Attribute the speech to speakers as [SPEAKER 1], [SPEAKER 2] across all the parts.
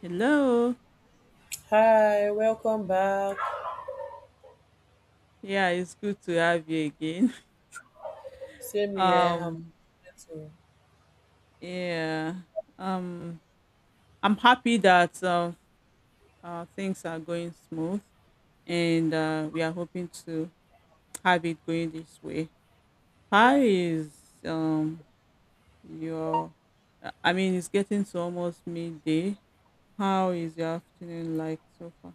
[SPEAKER 1] Hello.
[SPEAKER 2] Hi, welcome back.
[SPEAKER 1] Yeah, it's good to have you again.
[SPEAKER 2] Same here.
[SPEAKER 1] Um,
[SPEAKER 2] So-
[SPEAKER 1] yeah. Um, I'm happy that things are going smooth, and we are hoping to have it going this way. How is um your? I mean, it's getting to almost midday. How is your afternoon like so far?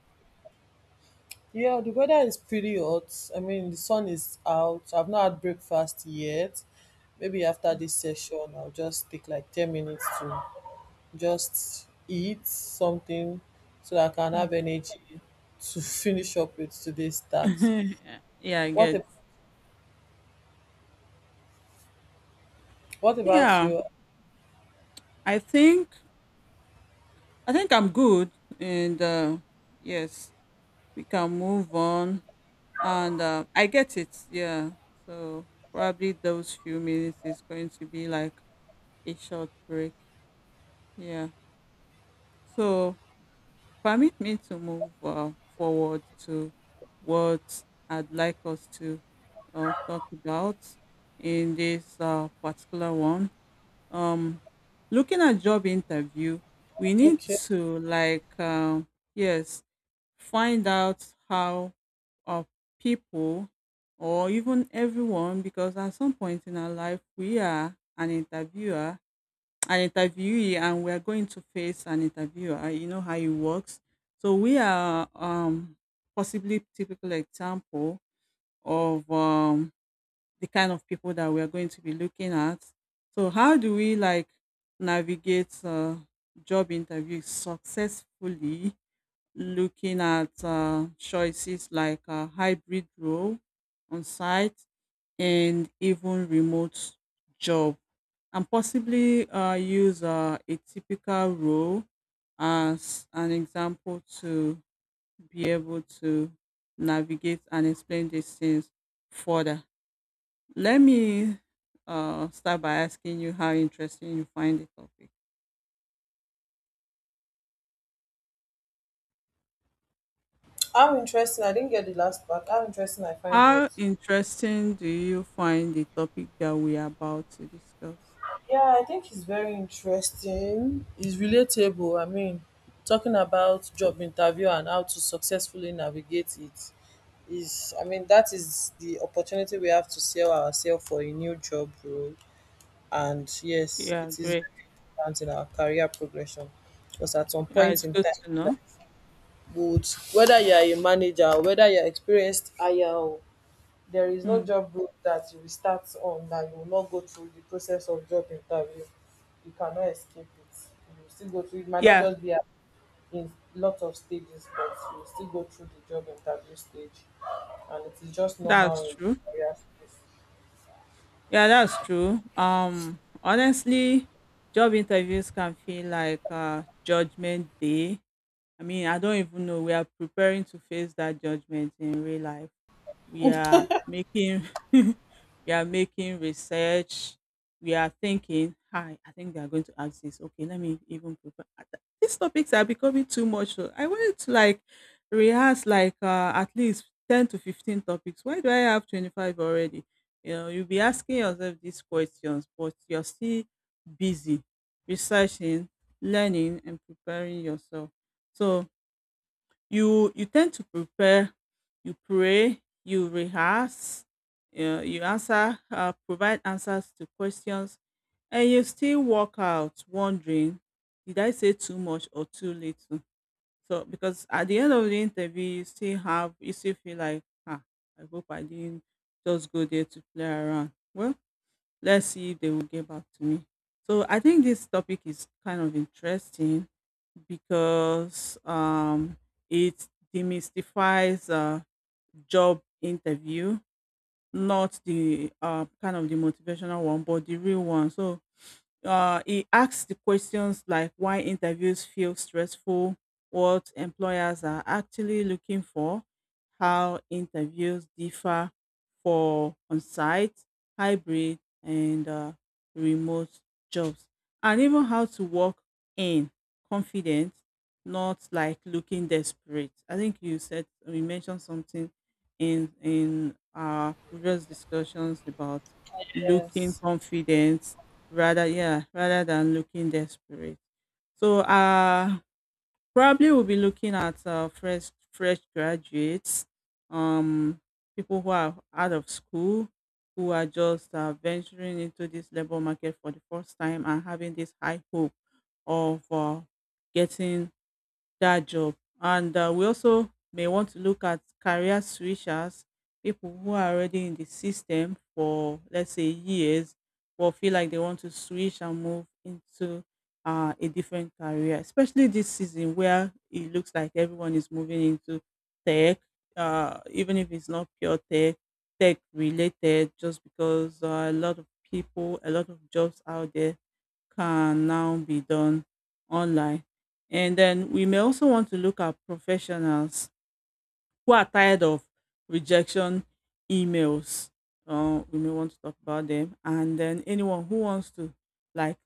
[SPEAKER 2] yeah, the weather is pretty hot. I mean, the sun is out. I've not had breakfast yet. Maybe after this session, I'll just take like 10 minutes to just eat something so that I can have energy to finish up with today's task.
[SPEAKER 1] Hmm. Yeah, I
[SPEAKER 2] What,
[SPEAKER 1] get.
[SPEAKER 2] ab- what about
[SPEAKER 1] Yeah,
[SPEAKER 2] you?
[SPEAKER 1] I think I think I'm good, and yes, we can move on and I get it, yeah. So probably those few minutes is going to be like a short break, yeah. So permit me to move forward to what I'd like us to talk about in this particular one. um Looking at job interview, we need
[SPEAKER 2] Okay.
[SPEAKER 1] to like, yes, find out how uh, people or even everyone, because at some point in our life we are an interviewer, an interviewee, and we are going to face an interviewer. You know how it works. So we are, possibly, typical example of the kind of people that we are going to be looking at. So how do we like navigate job interviews successfully, looking at choices like a hybrid role, on site, and even remote job, and possibly use a typical role as an example to be able to navigate and explain these things further. Let me start by asking you how interesting you find the topic.
[SPEAKER 2] How interesting. I didn't get the last part. How interesting I find what?
[SPEAKER 1] How interesting do you find the topic that we are about to discuss?
[SPEAKER 2] Yeah, I think it's very interesting. It's relatable. I mean, talking about job interview and how to successfully navigate it is, I mean, that is the opportunity we have to sell ourselves for a new job role. And yes,
[SPEAKER 1] Yeah,
[SPEAKER 2] it is
[SPEAKER 1] great.
[SPEAKER 2] very important in our career progression because at some
[SPEAKER 1] Yeah,
[SPEAKER 2] point
[SPEAKER 1] it's
[SPEAKER 2] in
[SPEAKER 1] good
[SPEAKER 2] time,
[SPEAKER 1] to
[SPEAKER 2] like,
[SPEAKER 1] know.
[SPEAKER 2] would whether you are a manager or whether you are experienced higher or there is no
[SPEAKER 1] Mm.
[SPEAKER 2] job role dat you will start on that you will not go through the process of job interview, you cannot escape it. You go still go through, it might not
[SPEAKER 1] Yeah,
[SPEAKER 2] just be at, in lots of stages, but you will still go through the job interview stage, and it is just normal
[SPEAKER 1] that's
[SPEAKER 2] in
[SPEAKER 1] true.
[SPEAKER 2] the career space.
[SPEAKER 1] Yeah, that's true. Honestly, job interviews can feel like judgment day. I mean, I don't even know. We are preparing to face that judgment in real life. We are making we are making research. We are thinking, hi, I think they are going to ask this, okay let me even prepare. Ah, these topics are becoming too much, so I wanted to like rehearse like at least 10 to 15 topics. Why do I have 25 already? You know, you'll be asking yourself these questions, but you're still busy researching, learning, and preparing yourself. So you tend to prepare, you pray, you rehearse, you answer, provide answers to questions, and you still walk out wondering, did I say too much or too little? So because at the end of the interview, you still have, you still feel like, ah, I hope I didn't just go there to play around. Well, let's see if they will get back to me. So I think this topic is kind of interesting because it demystifies job interview, not the kind of the motivational one, but the real one. So he asks the questions like why interviews feel stressful, what employers are actually looking for, how interviews differ for on site, hybrid, and remote jobs, and even how to walk in confident, not like looking desperate. I think you said we mentioned something in our previous discussions about looking
[SPEAKER 2] Yes,
[SPEAKER 1] confident rather, yeah, rather than looking desperate. So probably we'll be looking at fresh graduates, um people who are out of school, who are just venturing into this labor market for the first time and having this high hope of getting that job. And we also may want to look at career switchers, people who are already in the system for, let's say, years, but feel like they want to switch and move into a different career, especially this season where it looks like everyone is moving into tech, even if it's not pure tech, tech related, just because a lot of people, a lot of jobs out there can now be done online. And then we may also want to look at professionals who are tired of rejection emails. We may want to talk about them. And then anyone who wants to like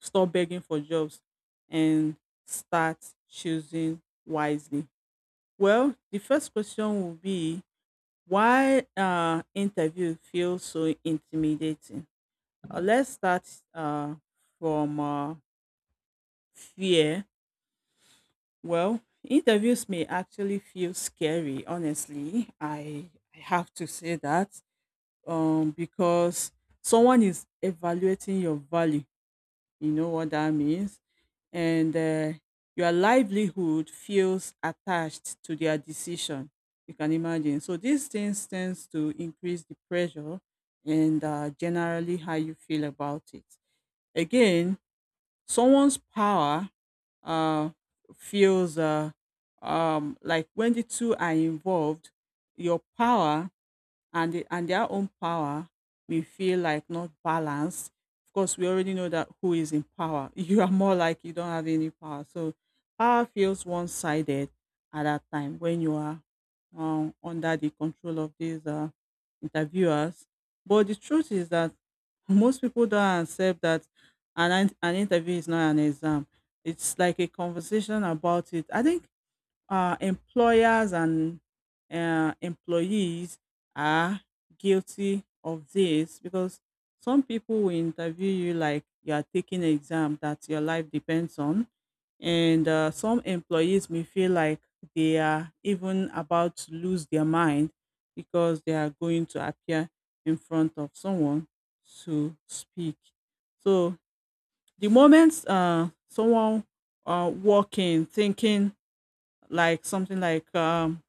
[SPEAKER 1] stop begging for jobs and start choosing wisely. Well, the first question will be why interview feels so intimidating. Let's start uh, from fear. Well, interviews may actually feel scary, honestly. I have to say that, because someone is evaluating your value. You know what that means? And your livelihood feels attached to their decision. You can imagine. So these things tends to increase the pressure and generally how you feel about it. Again, someone's power uh, feels like when the two are involved, your power and the, and their own power may feel like not balanced. Of course, we already know that who is in power. You are more like you don't have any power. So power feels one sided at that time when you are, under the control of these interviewers. But the truth is that most people don't accept that an interview is not an exam. It's like a conversation about it. I think employers and employees are guilty of this, because some people will interview you like you are taking an exam that your life depends on. And some employees may feel like they are even about to lose their mind because they are going to appear in front of someone to speak. So the moment someone walking, thinking like something like,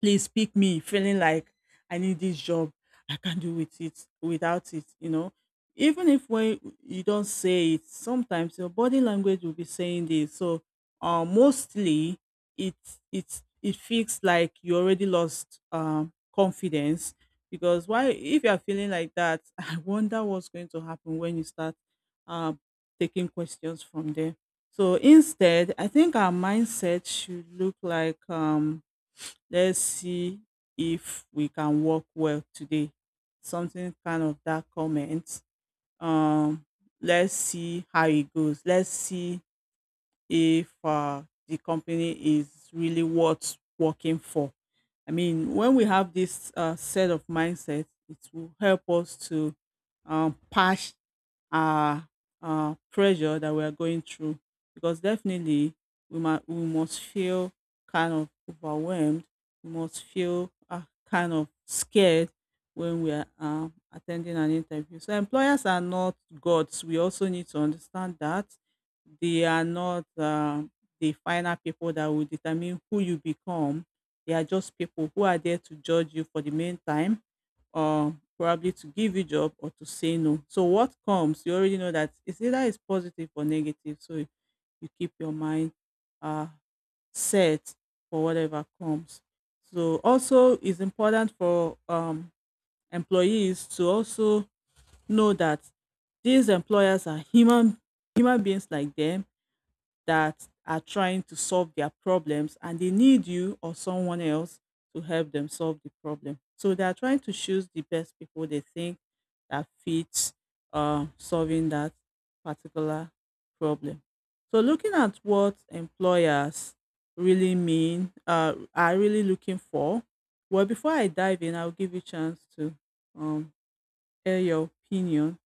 [SPEAKER 1] please pick me, feeling like I need this job, I can't do with it without it, you know. Even if when you don't say it, sometimes your body language will be saying this. So mostly it it feels like you already lost, confidence, because why? If you're feeling like that, I wonder what's going to happen when you start uh, taking questions from there. So instead, I think our mindset should look like, let's see if we can work well today. Something kind of that comment. Um, let's see how it goes. Let's see if the company is really worth working for. I mean, when we have this set of mindset, it will help us to, patch our pressure that we are going through, because definitely we must feel kind of overwhelmed, we must feel kind of scared when we are attending an interview. So employers are not gods. We also need to understand that they are not the final people that will determine who you become. They are just people who are there to judge you for the meantime. Um, probably to give you job or to say no. So what comes, you already know that it's either it's positive or negative. So you keep your mind uh, set for whatever comes. So also it's important for, employees to also know that these employers are human, human beings like them, that are trying to solve their problems, and they need you or someone else to help them solve the problem. So they are trying to choose the best people they think that fits solving that particular problem. So looking at what employers really mean, are really looking for. Well, before I dive in, I'll give you a chance to, um, air your opinion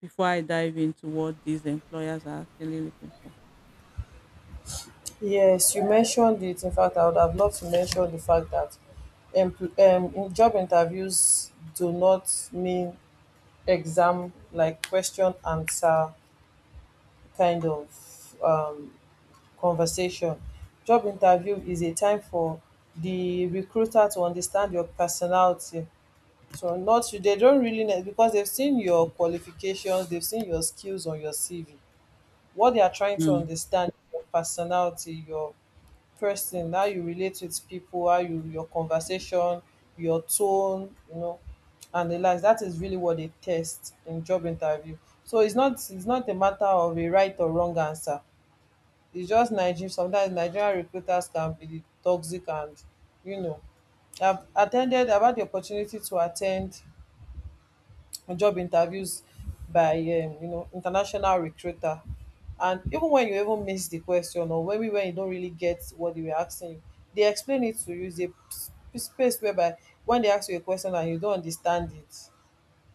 [SPEAKER 1] before I dive into what these employers are actually looking for.
[SPEAKER 2] yes, you mentioned it. In fact, I would have loved to mention the fact that in job interviews do not mean exam like question answer kind of um, conversation. Job interview is a time for the recruiter to understand your personality. So not, they don't really know because they've seen your qualifications, they've seen your skills on your CV. What they are trying to
[SPEAKER 1] Mm.
[SPEAKER 2] understand is your personality, your person, how you relate with people, how you your conversation, your tone, you know, and the likes. That is really what they test in job interview. So it's not a matter of a right or wrong answer, it's just Nigeria. Sometimes Nigerian recruiters can be toxic and, you know, I've had the opportunity to attend job interviews by you know, international recruiter, and even when you even miss the question or when we when you don't really get what they were asking you, they explain it to you. Space whereby when they ask you a question and you don't understand it,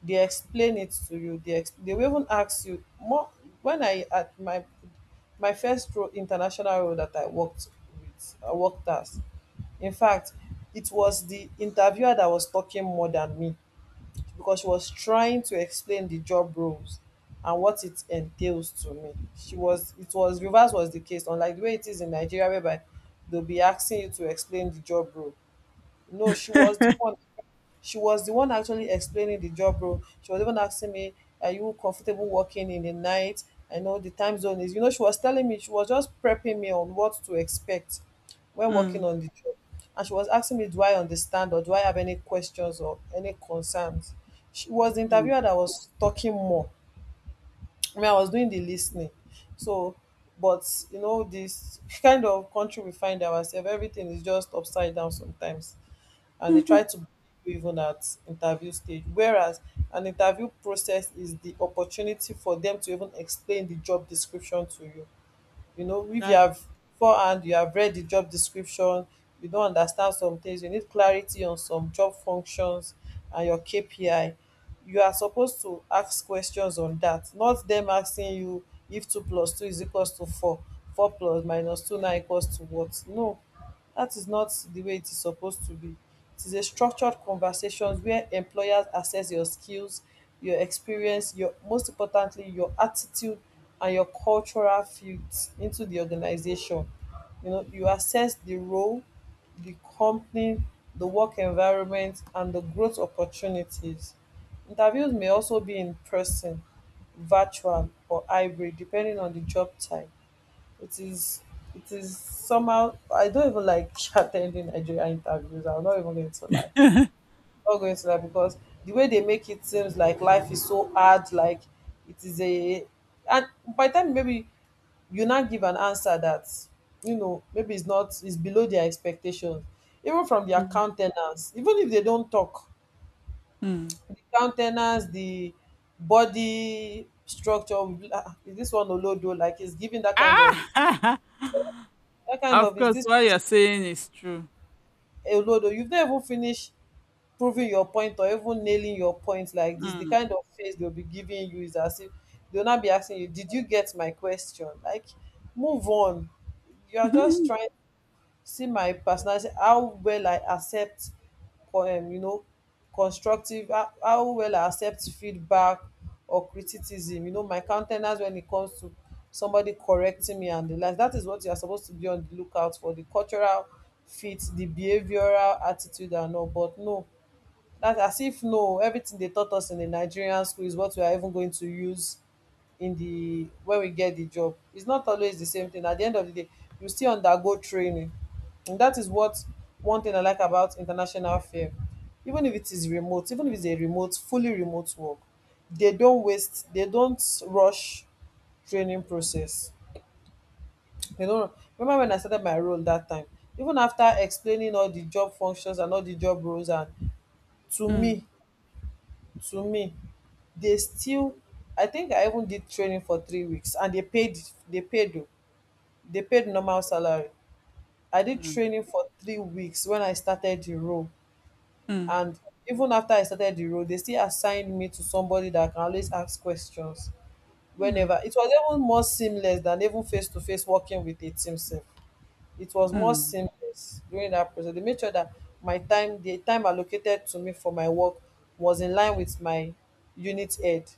[SPEAKER 2] they explain it to you. They will even ask you more. When I at my My first pro international role that I worked with, I worked as. In fact, it was the interviewer that was talking more than me because she was trying to explain the job roles and what it entails to me. She was, it was reverse was the case, unlike the way it is in Nigeria whereby they'll be asking you to explain the job role. No, she was the one actually explaining the job role. She was even asking me, "Are you comfortable working in the night? I know the time zone is." You know, she was telling me, she was just prepping me on what to expect when working
[SPEAKER 1] إمم.
[SPEAKER 2] on the job, and she was asking me, "Do I understand or do I have any questions or any concerns?" She was the
[SPEAKER 1] إمم.
[SPEAKER 2] interviewer that was talking more. I mean, I was doing the listening. So, but you know, this kind of country we find ourselves, everything is just upside down sometimes. And they try to bully you even at interview stage. Whereas an interview process is the opportunity for them to even explain the job description to you. You
[SPEAKER 1] من
[SPEAKER 2] know, if you
[SPEAKER 1] ساعة
[SPEAKER 2] have beforehand, you have read the job description, you don't understand some things, you need clarity on some job functions and your KPI. You are supposed to ask questions on that, not them asking you if two plus two is equals to four, four plus minus two now equals to what. No. That is not the way it is supposed to be. It is a structured conversation where employers assess your skills, your experience, your most importantly, your attitude and your cultural fit into the organization. You know, you assess the role, the company, the work environment, and the growth opportunities. Interviews may also be in person, virtual, or hybrid, depending on the job type. It is it is somehow, I don't even like attending Nigeria interviews. I'm not even going to lie. Not going to lie because the way they make it seems like life is so hard, like it is a, and by the time maybe you not give an answer that, you know, maybe it's not it's below their expectations. Even from their
[SPEAKER 1] إمم.
[SPEAKER 2] countenance, even if they don't talk,
[SPEAKER 1] إمم.
[SPEAKER 2] the countenance, the body structure, will be like, ah, is this one Olodo? Like it's giving that kind of,
[SPEAKER 1] Ah!
[SPEAKER 2] that kind
[SPEAKER 1] Of
[SPEAKER 2] of, is
[SPEAKER 1] course,
[SPEAKER 2] this
[SPEAKER 1] what you're saying is true.
[SPEAKER 2] Olodo, you've not even finished proving your point or even nailing your point like this. The
[SPEAKER 1] إمم.
[SPEAKER 2] kind of face they'll be giving you is as if they'll not be asking you, did you get my question? Like, move on. You are just trying, see my personality, how well I accept you know, constructive, how well I accept feedback or criticism, you know, my countenance when it comes to somebody correcting me and the like. That is what you are supposed to be on the lookout for, the cultural fit, the behavioral attitude and all, but no. That's as if no, everything they taught us in the Nigerian school is what we are even going to use in the when we get the job. It's not always the same thing. At the end of the day, you still undergo training. And that is what, one thing I like about international firm. Even if it is remote, even if it's a remote, fully remote work, they don't rush training process. They don't, remember when I started my role that time, even after explaining all the job functions and all the job roles and to
[SPEAKER 1] إمم.
[SPEAKER 2] me, to me they still, I think I even did training for 3 weeks and they paid, they paid o they paid normal salary. I did
[SPEAKER 1] Mm.
[SPEAKER 2] training for 3 weeks when I started the role, and even after I started the role they still assigned me to somebody that can always ask questions
[SPEAKER 1] إمم.
[SPEAKER 2] whenever. It was even more seamless than even face to face working with a team sef, it was more
[SPEAKER 1] إمم.
[SPEAKER 2] seamless during that process. They made sure that my time, the time allocated to me for my work was in line with my unit head,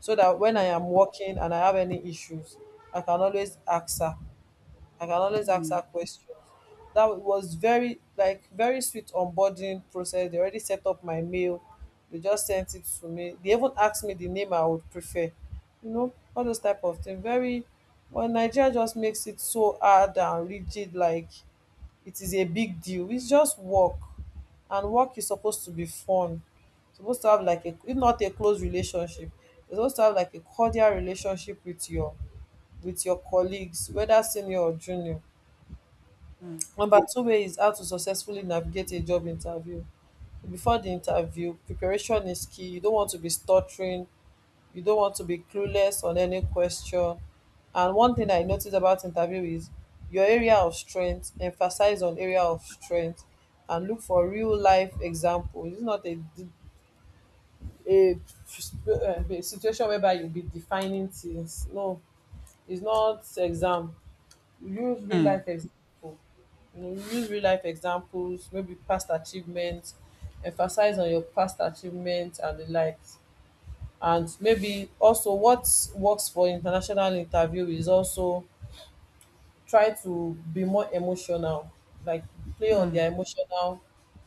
[SPEAKER 2] so that when I am working and I have any issues, I can always ask her. I can always ask her
[SPEAKER 1] إمم.
[SPEAKER 2] questions. That was very, like very sweet onboarding process. They already set up my mail. They just sent it to me. They even asked me the name I would prefer. You know, all those type of things. Very, well, Nigeria just makes it so hard and rigid, like it is a big deal. It's just work, and work is supposed to be fun. Supposed to have like a, if not a close relationship, you're supposed to have like a cordial relationship with your colleagues, whether senior or junior.
[SPEAKER 1] Mm,
[SPEAKER 2] Number two way is how to successfully navigate a job interview. Before the interview, preparation is key. You don't want to be stuttering, you don't want to be clueless on any question. And one thing I noticed about interview is your area of strength, emphasize on area of strength and look for real life example. It's not a, a, a situation whereby you'll be defining things. No, it's not exam. Use
[SPEAKER 1] mm,
[SPEAKER 2] real
[SPEAKER 1] mm.
[SPEAKER 2] life example. You know, use real life examples, maybe past achievements, emphasize on your past achievements and the likes. And maybe also what works for international interview is also try to be more emotional, like play on
[SPEAKER 1] Mm.
[SPEAKER 2] their emotional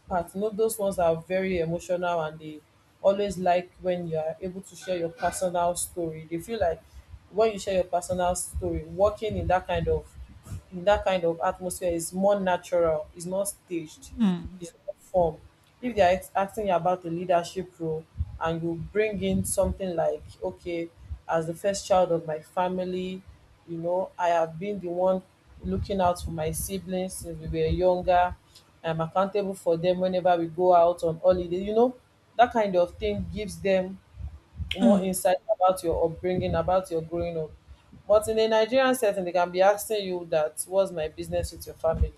[SPEAKER 2] part. You know, those ones are very emotional and they always like when you are able to share your personal story. They feel like when you share your personal story, working in that kind of in that kind of atmosphere is more natural, it's not staged,
[SPEAKER 1] Mm, mm,
[SPEAKER 2] it's not formed. If they're asking you about a leadership role and you bring in something like, okay, as the first child of my family, you know, I have been the one looking out for my siblings since we were younger. I'm accountable for them whenever we go out on holiday, you know, that kind of thing gives them more
[SPEAKER 1] Mm.
[SPEAKER 2] insight about your upbringing, about your growing up. But in a Nigerian setting, they can be asking you that, what's my business with your family?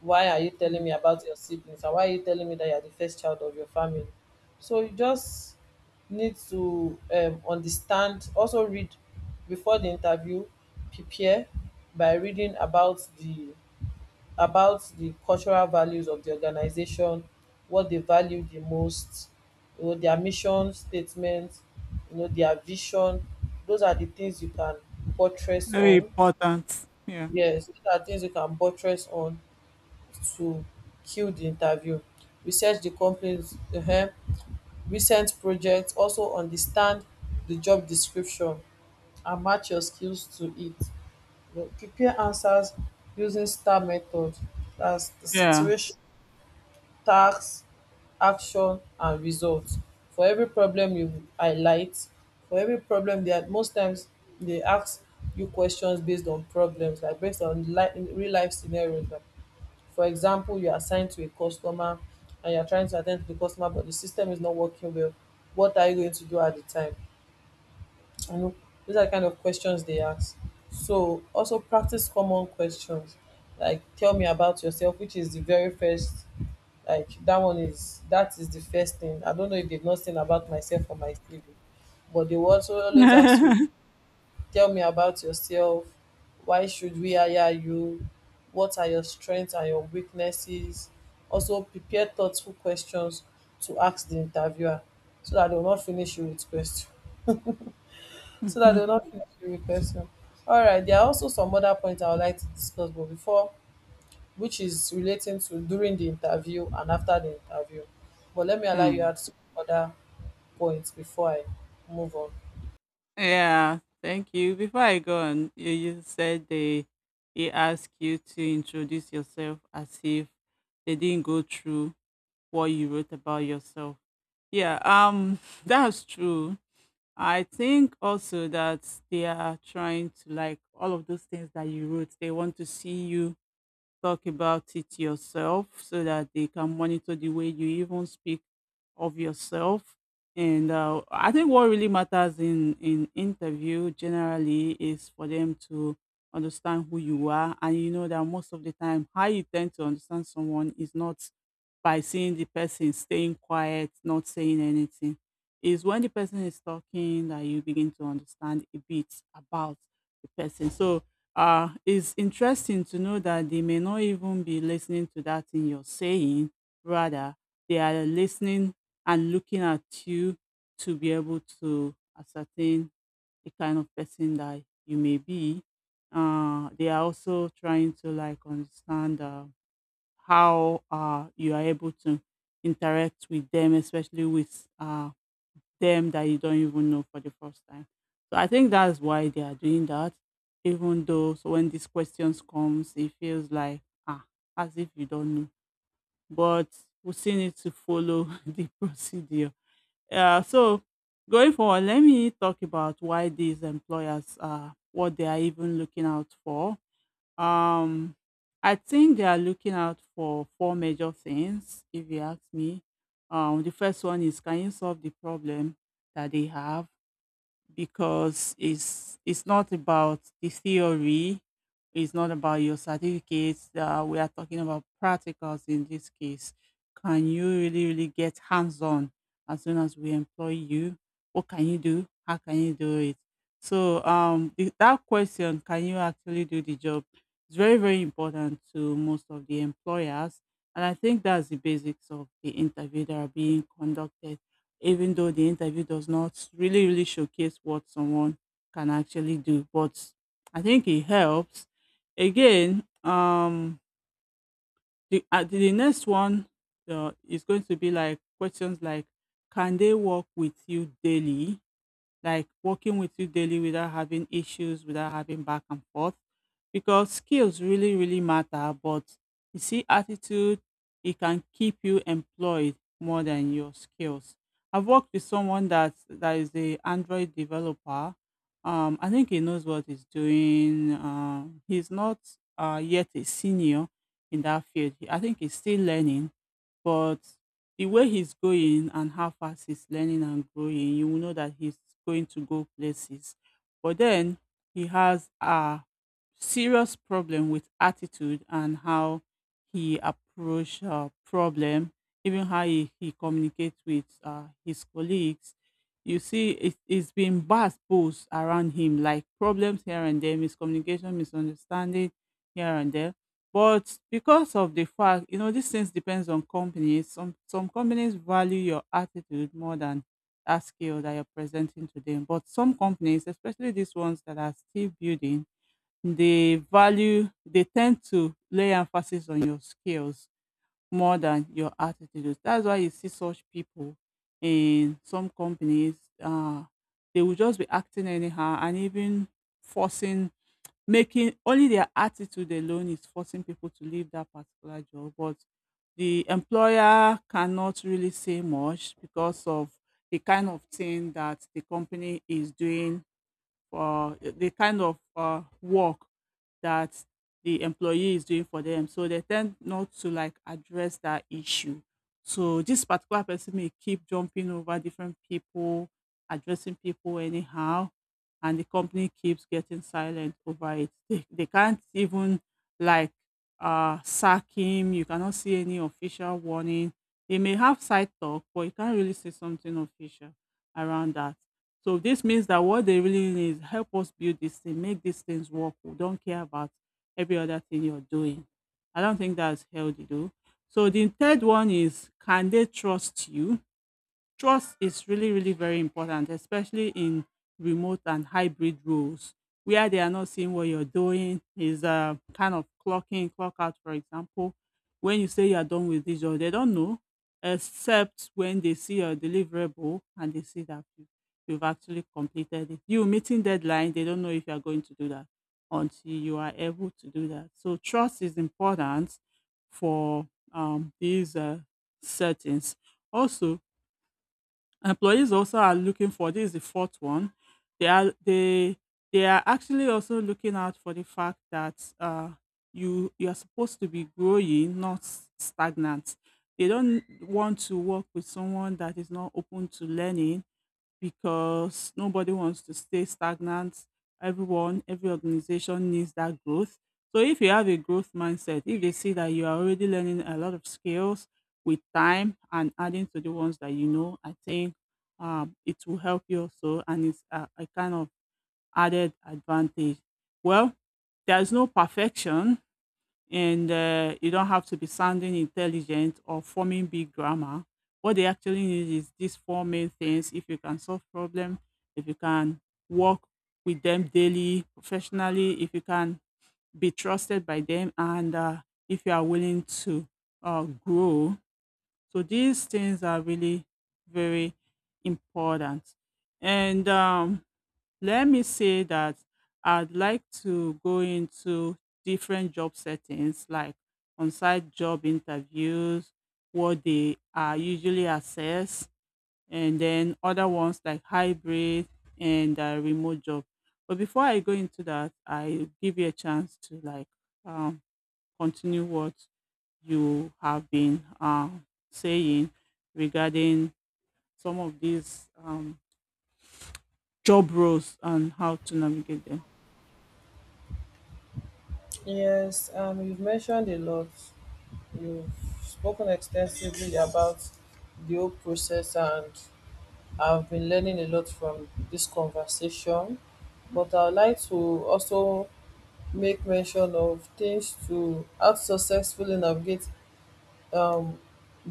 [SPEAKER 2] Why are you telling
[SPEAKER 1] Mm.
[SPEAKER 2] me about your siblings and why are you telling me that you're the first child of your family? So you just need to understand, also read before the interview, prepare by reading about the cultural values of the organization, what they value the most, you know, their mission statement, you know, their vision. Those are the things you can buttress
[SPEAKER 1] Very
[SPEAKER 2] on.
[SPEAKER 1] important. Yeah.
[SPEAKER 2] Yes, those are things you can buttress on to kill the interview. Research the company's recent projects, also understand the job description and match your skills to it. You know, prepare answers using star method. That's the
[SPEAKER 1] Yeah.
[SPEAKER 2] situation, task, action and result. For every problem you highlight, for every problem dia, most times they ask you questions based on problems, like based on real life scenarios. For example, you are assigned to a customer and you're trying to attend to the customer, but the system is not working well. What are you going to do at the time? You know, those are the kind of questions they ask. So also practice common questions, like tell me about yourself, which is the very first. Like that one is that is the first thing. I don't know if they've not seen about myself or my CV, but they will also always ask you, tell me about yourself. Why should we hire you? What are your strengths and your weaknesses? Also, prepare thoughtful questions to ask the interviewer so that they will not finish you with question. So that they will
[SPEAKER 1] Mhm.
[SPEAKER 2] not finish you with question. All right, there are also some other points I would like to discuss, but before, which is relating to during the interview and after the interview. But let me allow you
[SPEAKER 1] Mm.
[SPEAKER 2] add some other points before I move on.
[SPEAKER 1] Yeah, thank you. Before I go on, you said they he asked you to introduce yourself as if they didn't go through what you wrote about yourself. Yeah, that's true. I think also that they are trying to like all of those things that you wrote. They want to see you talk about it yourself so that they can monitor the way you even speak of yourself. And I think what really matters in interview generally is for them to understand who you are, and you know that most of the time, how you tend to understand someone is not by seeing the person staying quiet, not saying anything. Is when the person is talking that you begin to understand a bit about the person. So it's interesting to know that they may not even be listening to that thing you're saying. Rather, they are listening and looking at you to be able to ascertain the kind of person that you may be. They are also trying to like understand how you are able to interact with them, especially with them that you don't even know for the first time. So I think that's why they are doing that. Even though, so when these questions comes, it feels like ah, as if you don't know. But we still need to follow the procedure. So going forward, let me talk about why these employers are what they are even looking out for um, I think they are looking out for four major things, if you ask me. The first one is, can you solve the problem that they have? Because it's not about the theory, it's not about your certificates. We are talking about practicals in this case. Can you really, really get hands on as soon as we employ you? What can you do, how can you do it? So that question, can you actually do the job? It's very, very important to most of the employers, and I think that's the basics of the interview that are being conducted. Even though the interview does not really, really showcase what someone can actually do. But I think it helps. Again, the next one is going to be like questions like, can they work with you daily? Like working with you daily without having issues, without having back and forth. Because skills really, really matter. But you see, attitude, it can keep you employed more than your skills. I've worked with someone that is a Android developer. I think he knows what he's doing. He's not yet a senior in that field. I think he's still learning, but the way he's going and how fast he's learning and growing, you will know that he's going to go places. But then he has a serious problem with attitude and how he approach problem, even how he communicates with his colleagues. You see, it's been bad boost around him, like problems here and there, miscommunication, misunderstanding here and there. But because of the fact, you know, these things depends on companies. Some companies value your attitude more than that skill that you're presenting to them. But some companies, especially these ones that are still building, they value, they tend to lay emphasis on your skills more than your attitude. That's why you see such people in some companies. Uh, they will just be acting anyhow and even forcing, making, only their attitude alone is forcing people to leave that particular job. But the employer cannot really say much because of the kind of thing that the company is doing, for the kind of work that the employee is doing for them. So they tend not to like address that issue. So this particular person may keep jumping over different people, addressing people anyhow, and the company keeps getting silent over it. They can't even like sack him. You cannot see any official warning. They may have side talk, but you can't really see something official around that. So this means that what they really need is, help us build this thing, make these things work. We don't care about every other thing you're doing. I don't think that's healthy though. So the third one is, can they trust you? Trust is really, really very important, especially in remote and hybrid roles where they are not seeing what you're doing, is kind of clock in, clock out, for example. When you say you're done with this job, they don't know, except when they see your deliverable and they see that you've actually completed it. You meeting deadline, they don't know if you're going to do that until you are able to do that. So trust is important for these settings. Also, employees also are looking for, this is the fourth one. They are they they are actually also looking out for the fact that you are supposed to be growing, not stagnant. They don't want to work with someone that is not open to learning, because nobody wants to stay stagnant. Everyone, every organization needs that growth. So if you have a growth mindset, if they see that you are already learning a lot of skills with time and adding to the ones that you know, I think it will help you also, and it's a kind of added advantage. Well, there's no perfection, and you don't have to be sounding intelligent or forming big grammar. What they actually need is these four main things. If you can solve problem, if you can work with them daily, professionally, if you can be trusted by them, and if you are willing to grow. So these things are really very important. And let me say that I'd like to go into different job settings, like on site job interviews, what they are usually assess, and then other ones like hybrid and remote job. But before I go into that, I give you a chance to like um, continue what you have been saying regarding some of these job roles and how to navigate them.
[SPEAKER 2] Yes, you've mentioned a lot. You've spoken extensively about the whole process, and I've been learning a lot from this conversation. But I'd like to also make mention of things to how to successfully navigate, um,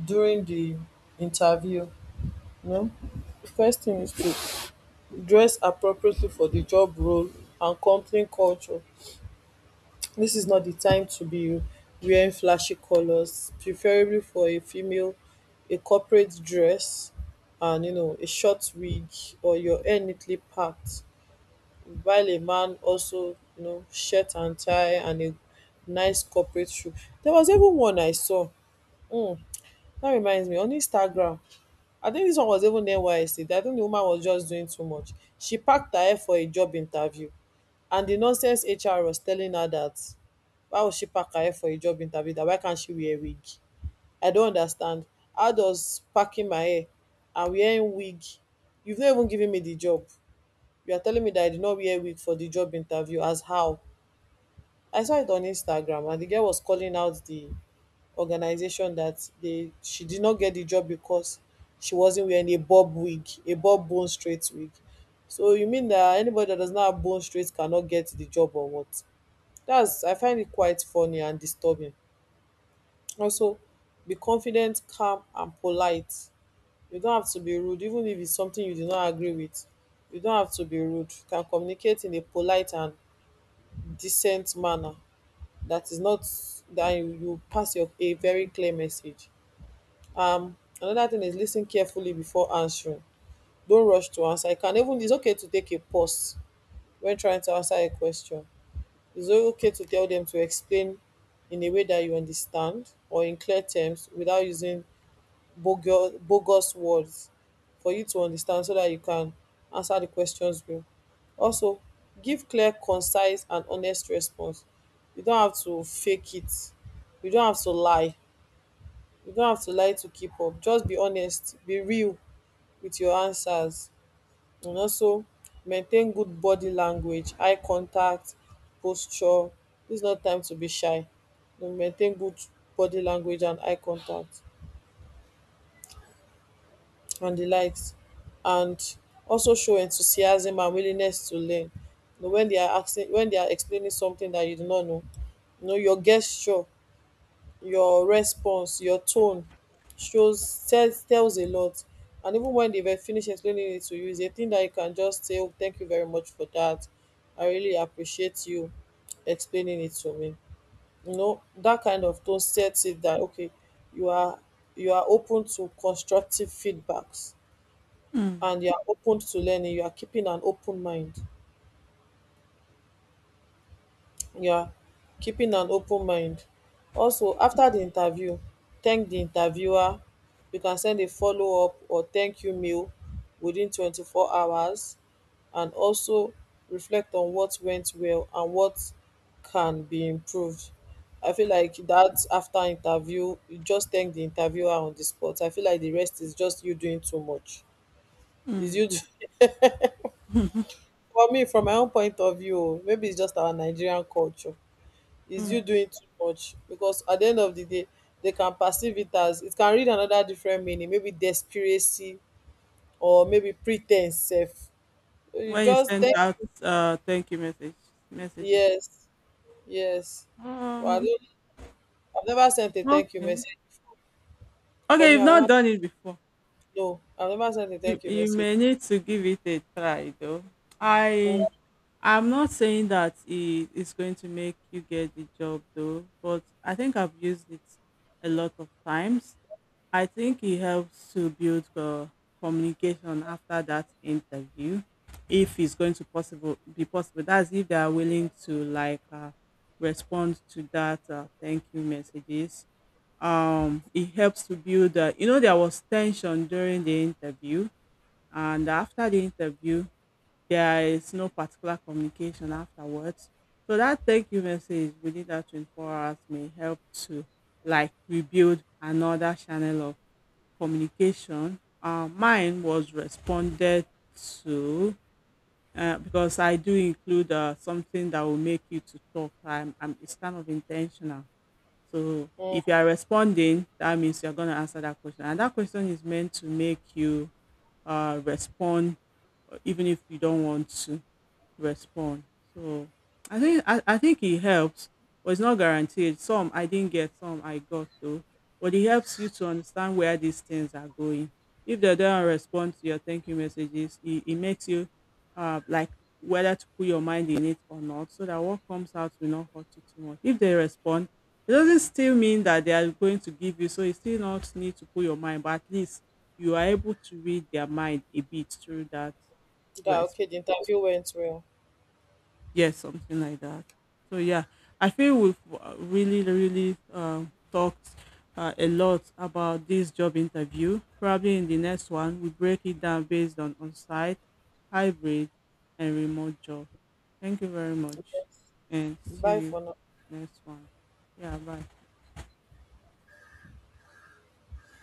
[SPEAKER 2] during the interview. You know? First thing is to dress appropriately for the job role and company culture. This is not the time to be wearing flashy colors. Preferably for a female, a corporate dress and, you know, a short wig or your hair neatly packed. While a man also, you know, shirt and tie and a nice corporate shoe. There was even one I saw. Mm, that reminds me, on Instagram. I think this one was even NYSC. I think the woman was just doing too much. She packed her hair for a job interview. And the nonsense HR was telling her that why was she pack her hair for a job interview? That why can't she wear wig? I don't understand. How does packing my hair and wearing wig? You've not even given me the job. You are telling me that I did not wear wig for the job interview. As how? I saw it on Instagram, and the girl was calling out the organization that they she did not get the job because she wasn't wearing a bob wig, a bob bone straight wig. So you mean that anybody that does not have bone straight cannot get the job or what? That's, I find it quite funny and disturbing. Also, be confident, calm and polite. You don't have to be rude even if it's something you do not agree with. You don't have to be rude. You can communicate in a polite and decent manner that is not, that you pass your a very clear message. Um, another thing is listen carefully before answering. Don't rush to answer. You can even, it's okay to take a pause when trying to answer a question. It's okay to tell them to explain in a way that you understand or in clear terms without using bogus, bogus words for you to understand so that you can answer the questions well. Also, give clear, concise, and honest response. You don't have to fake it. You don't have to lie. You don't have to lie to keep up. Just be honest, be real with your answers, and also maintain good body language, eye contact, posture. Dis not time to be shy. You maintain good body language and eye contact and the likes. And also show enthusiasm and willingness to learn. When they are asking, when they are explaining something that you do not know, you know your gesture, your response, your tone shows, tells a lot. And even when they've finished explaining it to you, it's a thing that you can just say, "Oh, thank you very much for that. I really appreciate you explaining it to me." You know, that kind of tone sets it, that okay, you are you are open to constructive feedbacks
[SPEAKER 1] Mm.
[SPEAKER 2] and you are open to learning, you are keeping an open mind. Yeah, keeping an open mind. Also, after the interview, thank the interviewer. You can send a follow-up or thank you mail within 24 hours, and also reflect on what went well and what can be improved. I feel like that after interview, you just thank the interviewer on the spot. I feel like the rest is just you doing too much, is
[SPEAKER 1] Mm.
[SPEAKER 2] you for me, from my own point of view. Oh, maybe it's just our Nigerian culture. Is you doing too much because at the end of the day, they can perceive it as, it can read another different meaning, maybe desperacy or maybe pretense sef. You
[SPEAKER 1] When you
[SPEAKER 2] just
[SPEAKER 1] sent
[SPEAKER 2] thank,
[SPEAKER 1] out thank you messages.
[SPEAKER 2] yes, yes. Well,
[SPEAKER 1] Um,
[SPEAKER 2] I've never sent a thank you
[SPEAKER 1] okay.
[SPEAKER 2] message. For
[SPEAKER 1] Okay,
[SPEAKER 2] me,
[SPEAKER 1] you've
[SPEAKER 2] I've
[SPEAKER 1] not
[SPEAKER 2] never,
[SPEAKER 1] done it before.
[SPEAKER 2] no, I've never sent a
[SPEAKER 1] You
[SPEAKER 2] thank you
[SPEAKER 1] you
[SPEAKER 2] message.
[SPEAKER 1] may need to give it a try though. I
[SPEAKER 2] Mm,
[SPEAKER 1] I'm not saying that it is going to make you get the job though, but I think I've used it a lot of times. I think it helps to build communication after that interview, if it's going to possible be possible. That's if they are willing to like respond to that thank you messages. It helps to build. You know, there was tension during the interview, and after the interview, there is no particular communication afterwards. So that thank you message within that 24 hours may help to like rebuild another channel of communication. Mine was responded to, because I do include something that will make you to talk. It's kind of intentional. So
[SPEAKER 2] mm,
[SPEAKER 1] if you are responding, that means you're going to answer that question. And that question is meant to make you respond, even if you don't want to respond. So I think I think it helps, but it's not guaranteed. Some I didn't get, some I got though. But it helps you to understand where these things are going. If they don't respond to your thank you messages, it makes you like, whether to put your mind in it or not, so that what comes out will not hurt you too much. If they respond, it doesn't still mean that they are going to give you, so you still not need to put your mind, but at least you are able to read their mind a bit through that
[SPEAKER 2] that okay, the
[SPEAKER 1] response.
[SPEAKER 2] interview went well.
[SPEAKER 1] Yes, something like that. So yeah, I feel we've really, really talked a lot about this job interview. Probably in the next one, we break it down based on on-site, hybrid, and remote job. Thank you very much,
[SPEAKER 2] Yes,
[SPEAKER 1] and
[SPEAKER 2] bye
[SPEAKER 1] see you
[SPEAKER 2] for now.
[SPEAKER 1] next one. Yeah, bye.